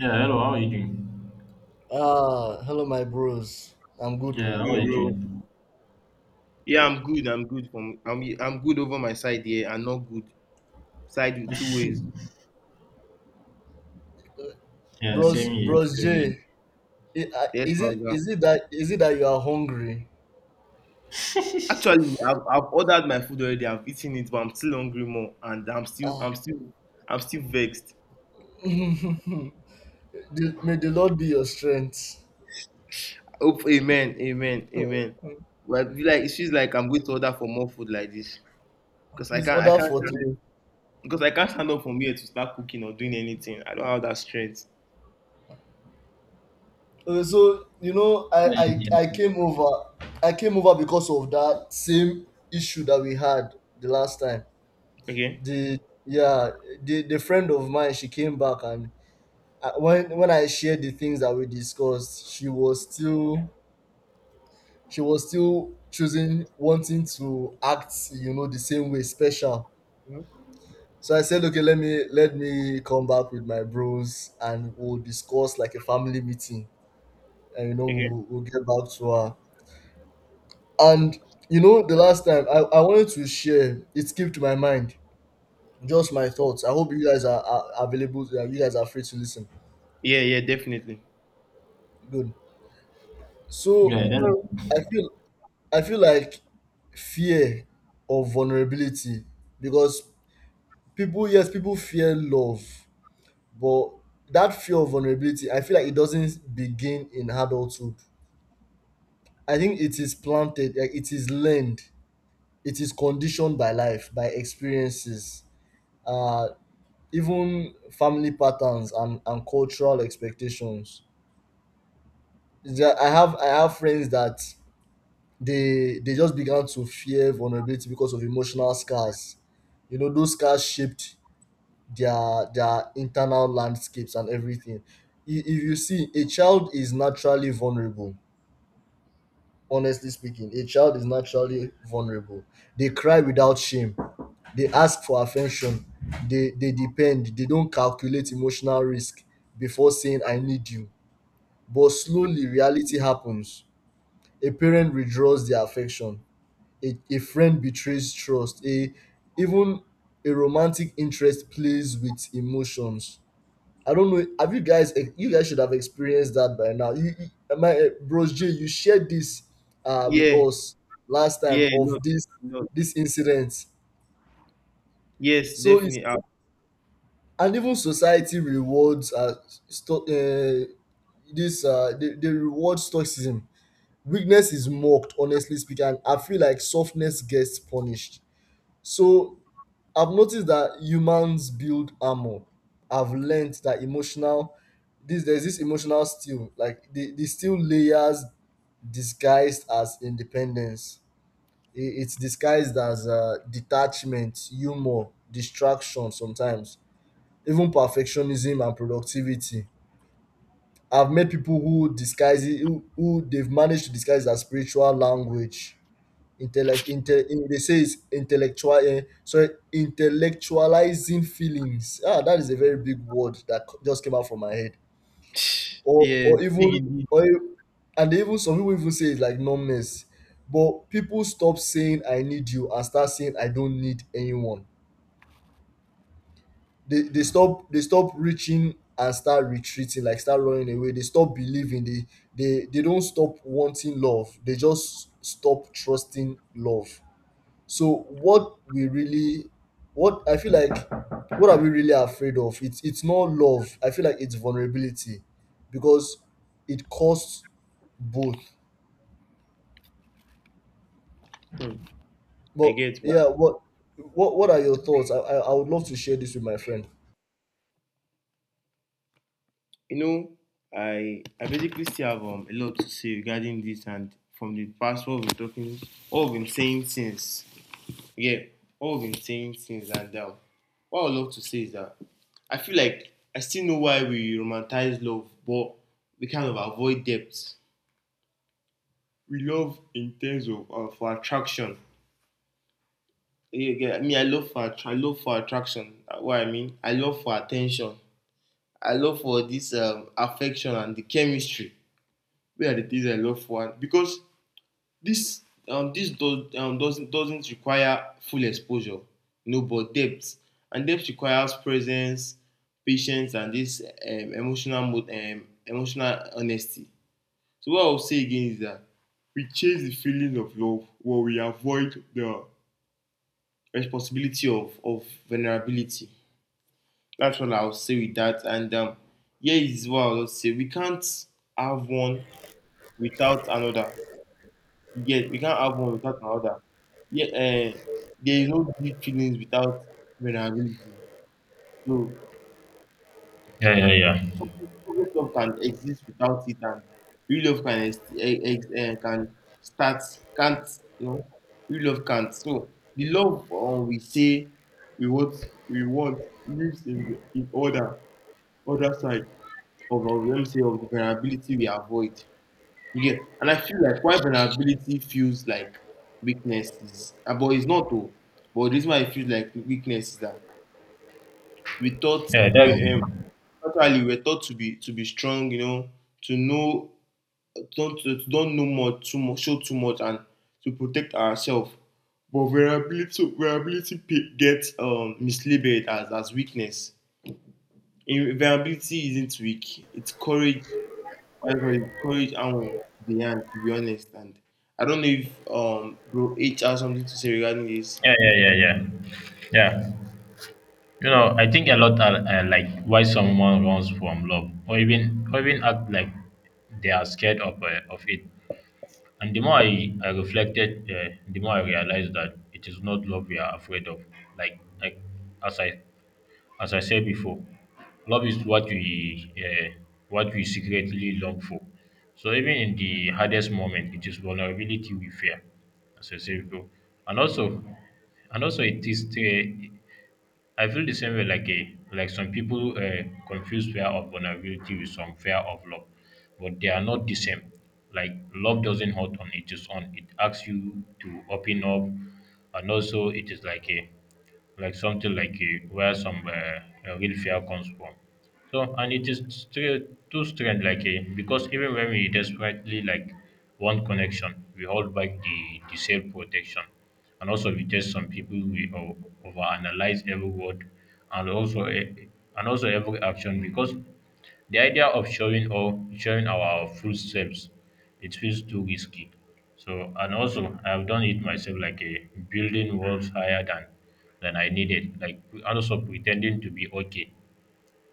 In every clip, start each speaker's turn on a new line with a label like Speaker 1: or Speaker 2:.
Speaker 1: Yeah, hello, how are you doing?
Speaker 2: Ah, hello, my bros. I'm good,
Speaker 1: Yeah,
Speaker 2: oh.
Speaker 1: how are
Speaker 3: Yo,
Speaker 1: you
Speaker 3: bro.
Speaker 1: doing?
Speaker 3: Yeah, I'm good. I'm good from I'm good over my side here and not good. Side with two ways.
Speaker 2: Uh,
Speaker 1: Yeah,
Speaker 2: Bros,
Speaker 1: same here,
Speaker 2: bros
Speaker 1: same
Speaker 2: J, I-
Speaker 3: Yes, my guy.
Speaker 2: is it that you are hungry?
Speaker 1: here.
Speaker 3: Actually, I've ordered my food already. I've eaten it, but I'm still hungry more, and I'm still
Speaker 2: Ah,
Speaker 3: I'm still I'm still vexed.
Speaker 2: The- may the Lord be your strength.
Speaker 3: Oh, amen, amen, amen. But I feel like it feels like I'm going to order for more food like this because I
Speaker 2: Please
Speaker 3: can't I
Speaker 2: order
Speaker 3: can't
Speaker 2: for
Speaker 3: stand,
Speaker 2: three.
Speaker 3: because I can't stand up from here to start cooking or doing anything. I don't have that strength.
Speaker 2: Okay, so you know, I
Speaker 1: Yeah,
Speaker 2: I came over, I came over because of that same issue that we had the last time.
Speaker 3: Okay.
Speaker 2: The yeah, the friend of mine, she came back and when I shared the things that we discussed, she was still choosing wanting to act you know the same way special.
Speaker 3: Mhm.
Speaker 2: So I said, okay, let me come back with my bros and we'll discuss like a family meeting, and you know
Speaker 3: Okay.
Speaker 2: we'll get back to her. And you know the last time I wanted to share, it skipped my mind. Just my thoughts. I hope you guys are available. You guys are free to listen.
Speaker 3: Yeah, yeah, definitely.
Speaker 2: Good.
Speaker 1: yeah,
Speaker 2: So
Speaker 1: yeah,
Speaker 2: i feel I feel like fear of vulnerability, because people, yes, people fear love, but that fear of vulnerability, I feel like it doesn't begin in adulthood. I think it is planted, like it is learned, it is conditioned by life, by experiences, uh even family patterns and cultural expectations. I have friends that they just began to fear vulnerability because of emotional scars. You know, those scars shaped their internal landscapes and everything. If you see, a child is naturally vulnerable. Honestly speaking, a child is naturally vulnerable. They cry without shame. They ask for affection. They depend. They don't calculate emotional risk before saying I need you. But slowly reality happens. A parent withdraws their affection. A friend betrays trust. A even a romantic interest plays with emotions. I don't know. Have you guys? You guys should have experienced that by now. My bros J, you shared this with
Speaker 3: Yeah,
Speaker 2: us last time
Speaker 3: yeah, no,
Speaker 2: of
Speaker 3: no.
Speaker 2: this incident.
Speaker 3: Yes,
Speaker 2: So it's,
Speaker 3: definitely.
Speaker 2: and even society rewards sto- uh they reward stoicism. Weakness is mocked, honestly speaking. And I feel like softness gets punished. So I've noticed that humans build armor. I've learned that emotional this there's this emotional steel, like the steel layers disguised as independence. It's disguised as detachment, humor, distraction sometimes, even perfectionism and productivity. I've met people who disguise it, who they've managed to disguise as spiritual language, intellect, they say it's intellectual, sorry, intellectualizing feelings. Ah, that is a very big word that just came out from my head.
Speaker 3: Yes,
Speaker 2: Or
Speaker 3: big
Speaker 2: even
Speaker 3: indeed.
Speaker 2: or e- And even some people even say it's like numbness, but people stop saying I need you and start saying I don't need anyone. They stop reaching and start retreating, like start running away. They stop believing. They don't stop wanting love, they just stop trusting love. So what we really what I feel like, what are we really afraid of? It's not love. I feel like it's vulnerability, because it costs both.
Speaker 3: Hmm, I
Speaker 2: But
Speaker 3: get. What
Speaker 2: yeah, what what are your thoughts? I would love to share this with my friend.
Speaker 3: you know, I basically still have a lot to say regarding this, and from the past what we're talking, what we've been saying since, yeah, what we've been saying since, and what I would love to say is that I feel like I still know why we romanticize love, but we kind of avoid depth. We love in terms of for attraction. Yeah, yeah, I mean, I love for attraction. What I mean, I love for attention. I love for this affection and the chemistry. Where are the things I love for? And because this doesn't require full exposure, you know, but depth requires presence, patience, and this emotional honesty. So what I'll say again is that we chase the feeling of love while we avoid the responsibility of vulnerability. That's what I'll say with that. And here is what I'll say: we can't have one without another. Yeah, we can't have one without another. Yeah, uh, there is no deep feelings without vulnerability. So,
Speaker 1: yeah, yeah, yeah,
Speaker 3: so real love can exist without it, and real love can ex- eh, can start can't you know real love can't. So the love we want we want lives in the in order other side. Of Let me say of the vulnerability we avoid. You get, and I feel like why vulnerability feels like weakness, but it's not though. But this reason why it feels like weakness is that we thought
Speaker 1: yeah, that's
Speaker 3: we
Speaker 1: it.
Speaker 3: actually we're taught to be strong, you know, to know to don't know much, too much, show too much, and to protect ourselves. But vulnerability gets mislabeled as weakness. Vulnerability isn't weak; it's courage. That's why it's courage and beyond, to be honest. And I don't know if bro H has something to say regarding this.
Speaker 1: Yeah, yeah, yeah, yeah, yeah. You know, I think a lot are like why someone runs from love, or even act like they are scared of it. And the more I reflected, the more I realized that it is not love we are afraid of. Like as I as I said before, love is what we secretly long for. So even in the hardest moment, it is vulnerability we fear, as I said before. And also, and also it is I feel the same way like some people confuse fear of vulnerability with some fear of love, but they are not the same. Like love doesn't hurt on its own; it asks you to open up, and also it is like a like something like where some real fear comes from. So, and it is too strange, because even when we desperately like want connection, we hold back the self protection, and also we test some people overanalyze every word, and also uh, and also every action because the idea of showing our full selves, it feels too risky. So and also I have done it myself, like a building walls higher than I needed, like and also pretending to be okay,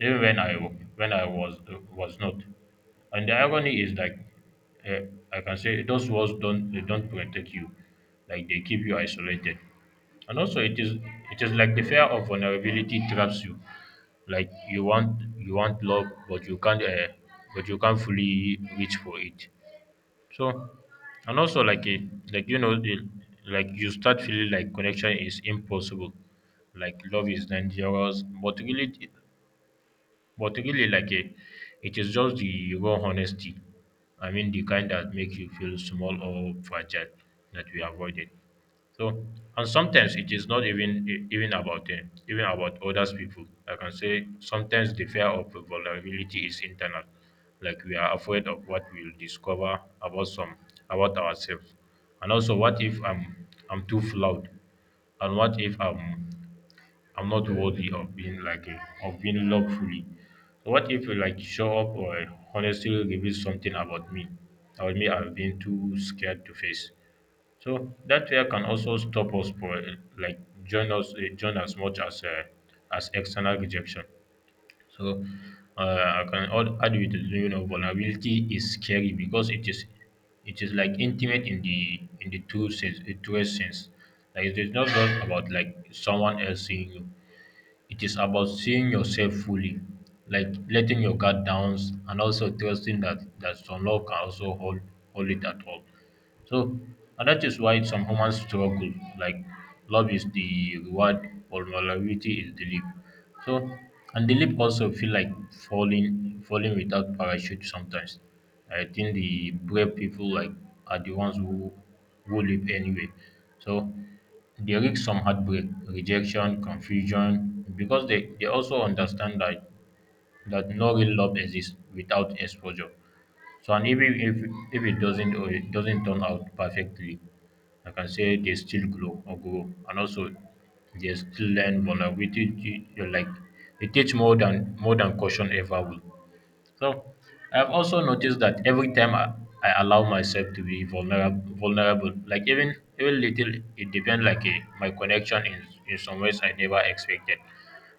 Speaker 1: even when I was not. And the irony is uh, I can say those walls don't they don't protect you, like they keep you isolated. And also it is like the fear of vulnerability traps you like you want love but you can't fully reach for it so and also like you know the, like you start feeling like connection is impossible like love is dangerous but really, it is just the raw honesty. I mean, the kind that makes you feel small or fragile that we avoided. So, and sometimes it is not even even about them, even about others people. I can say sometimes the fear of vulnerability is internal, like we are afraid of what we'll discover about some about ourselves, and also what if I'm too flawed, and what if I'm not worthy of being of being loved fully. So what if you like show up or honestly reveal something about me I've been too scared to face. So that fear can also stop us for like join us join as much as external rejection. So I can add with it, you know vulnerability is scary because it is like intimate in the true sense, the truest sense. Like it is not just about like someone else seeing you. It is about seeing yourself fully, like letting your guard down, and also trusting that some love can also hold it at all. So and that is why some humans struggle. Like love is the reward, vulnerability is the leap. So and the leap also feel like falling without parachute sometimes. I think the brave people like are the ones who leap anyway. So they risk some heartbreak, rejection, confusion because they also understand that no real love exists without exposure. So and even if it doesn't turn out perfectly, I can say they still grow, and also they still learn vulnerability. You like they teach more than caution ever will. So I've also noticed that every time I allow myself to be vulnerable, like even little, it depends my connection in some ways I never expected.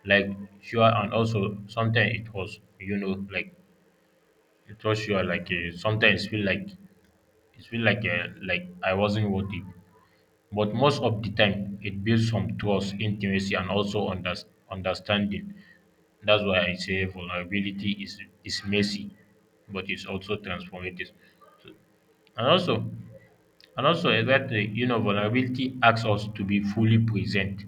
Speaker 1: Like sure, and also sometimes it was you know like it for sure, sometimes feel like like I wasn't worthy, but most of the time it builds some trust, intimacy, and also understanding. That's why I say vulnerability is messy, but it's also transformative. So, and also, and also is that you know vulnerability asks us to be fully present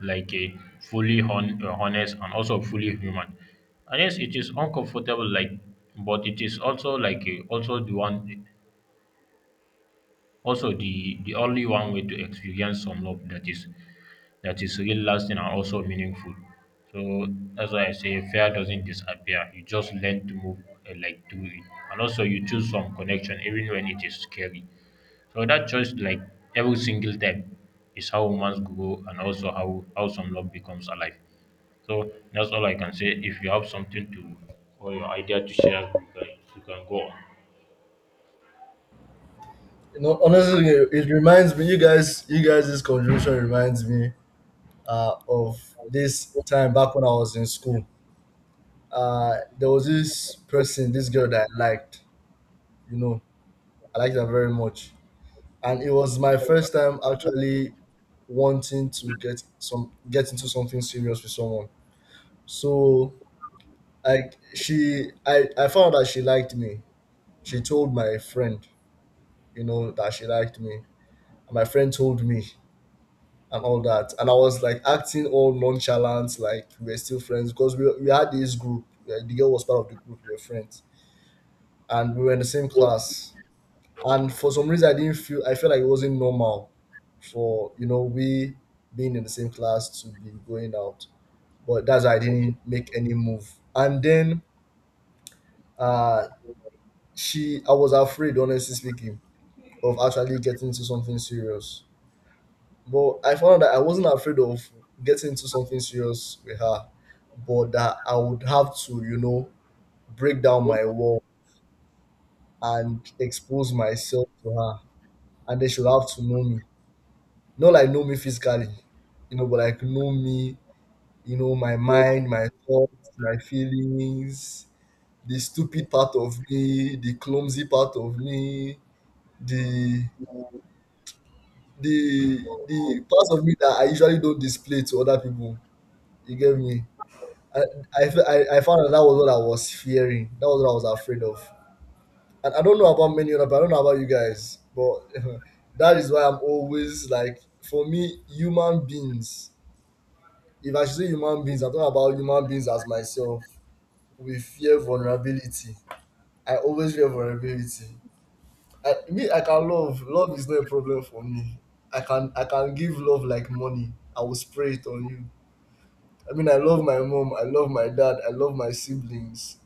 Speaker 1: like a fully honest and also fully human and yes it is uncomfortable like but it is also also the one also, the only one way to experience some love that is real, lasting, and also meaningful. So that's why I say fear doesn't disappear. You just learn to move like through it, and also you choose some connection even when it is scary. So that choice, like every single time, is how humans grow and also how some love becomes alive. So that's all I can say. If you have something to or your idea to share, you can go on.
Speaker 2: You know, honestly, it reminds me. You guys, this conversation reminds me of this time back when I was in school. There was this person, this girl that I liked. You know, I liked her very much, and it was my first time actually wanting to get into something serious with someone. So I I found out she liked me. She told my friend, you know, that she liked me, and my friend told me and all that, and I was like acting all nonchalant, like we were still friends, because we had this group. Like, the girl was part of the group, we were friends, and we were in the same
Speaker 3: Yeah.
Speaker 2: class. And for some reason I didn't feel I felt like it wasn't normal for, you know, we being in the same class to be going out. But that's why I didn't make any move. And then uh she I was afraid, honestly speaking, of actually getting into something serious. But I found out that I wasn't afraid of getting into something serious with her, but that I would have to, you know, break down my wall and expose myself to her, and then she'll have to know me. Not like know me physically, you know, but like know me, you know, my mind, my thoughts, my feelings, the stupid part of me, the clumsy part of me, the the the parts of me that I usually don't display to other people. You get me? I I, fe- I found that that was what I was fearing. That was what I was afraid of. And I don't know about many other. But I don't know about you guys, but that is why I'm always like, for me, human beings, if I should say human beings, I talk about human beings as myself. We fear vulnerability. I always fear vulnerability. I, me, I can love. Love is not a problem for me. I can give love like money. I will spray it on you. I mean, I love my mom. I love my dad. I love my siblings.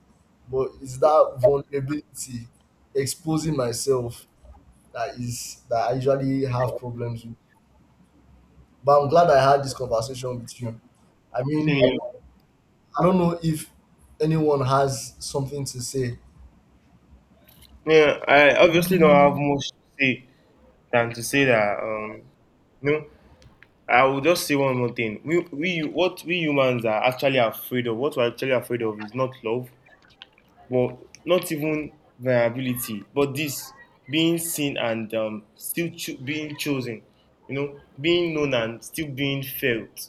Speaker 2: But it's that vulnerability, exposing myself, that I usually have problems with. But I'm glad I had this conversation with you. I mean,
Speaker 3: Same.
Speaker 2: I don't know if anyone has something to say.
Speaker 3: Yeah, I obviously don't have much to say than to say that you know, I will just say one more thing. We what we humans are actually afraid of, what we're actually afraid of is not love, but not even vulnerability, but this being seen and being chosen, you know, being known and still being felt,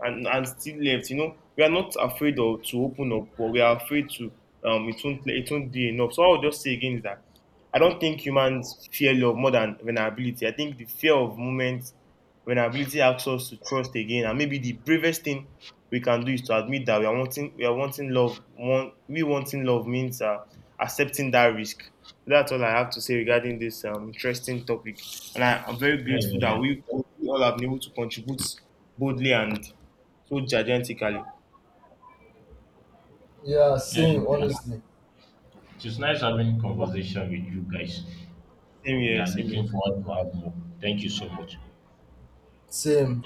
Speaker 3: and still left. You know, we are not afraid of to open up, but we are afraid to it won't be enough. So I would just say again is that I don't think humans fear love more than vulnerability. I think the fear of moments vulnerability asks us to trust again, and maybe the bravest thing we can do is to admit that we are wanting love. One We wanting love means accepting that risk. So that's all I have to say regarding this interesting topic, and I'm very
Speaker 1: Yeah,
Speaker 3: grateful
Speaker 1: yeah,
Speaker 3: that
Speaker 1: yeah,
Speaker 3: we all have been able to contribute boldly and so gigantically.
Speaker 2: Yeah,
Speaker 1: yeah,
Speaker 2: same,
Speaker 1: yeah.
Speaker 2: honestly.
Speaker 1: It is nice having conversation with you guys.
Speaker 3: Same
Speaker 1: We
Speaker 3: here,
Speaker 1: are
Speaker 3: same here.
Speaker 1: looking forward to have more. Thank you so much.
Speaker 2: Same.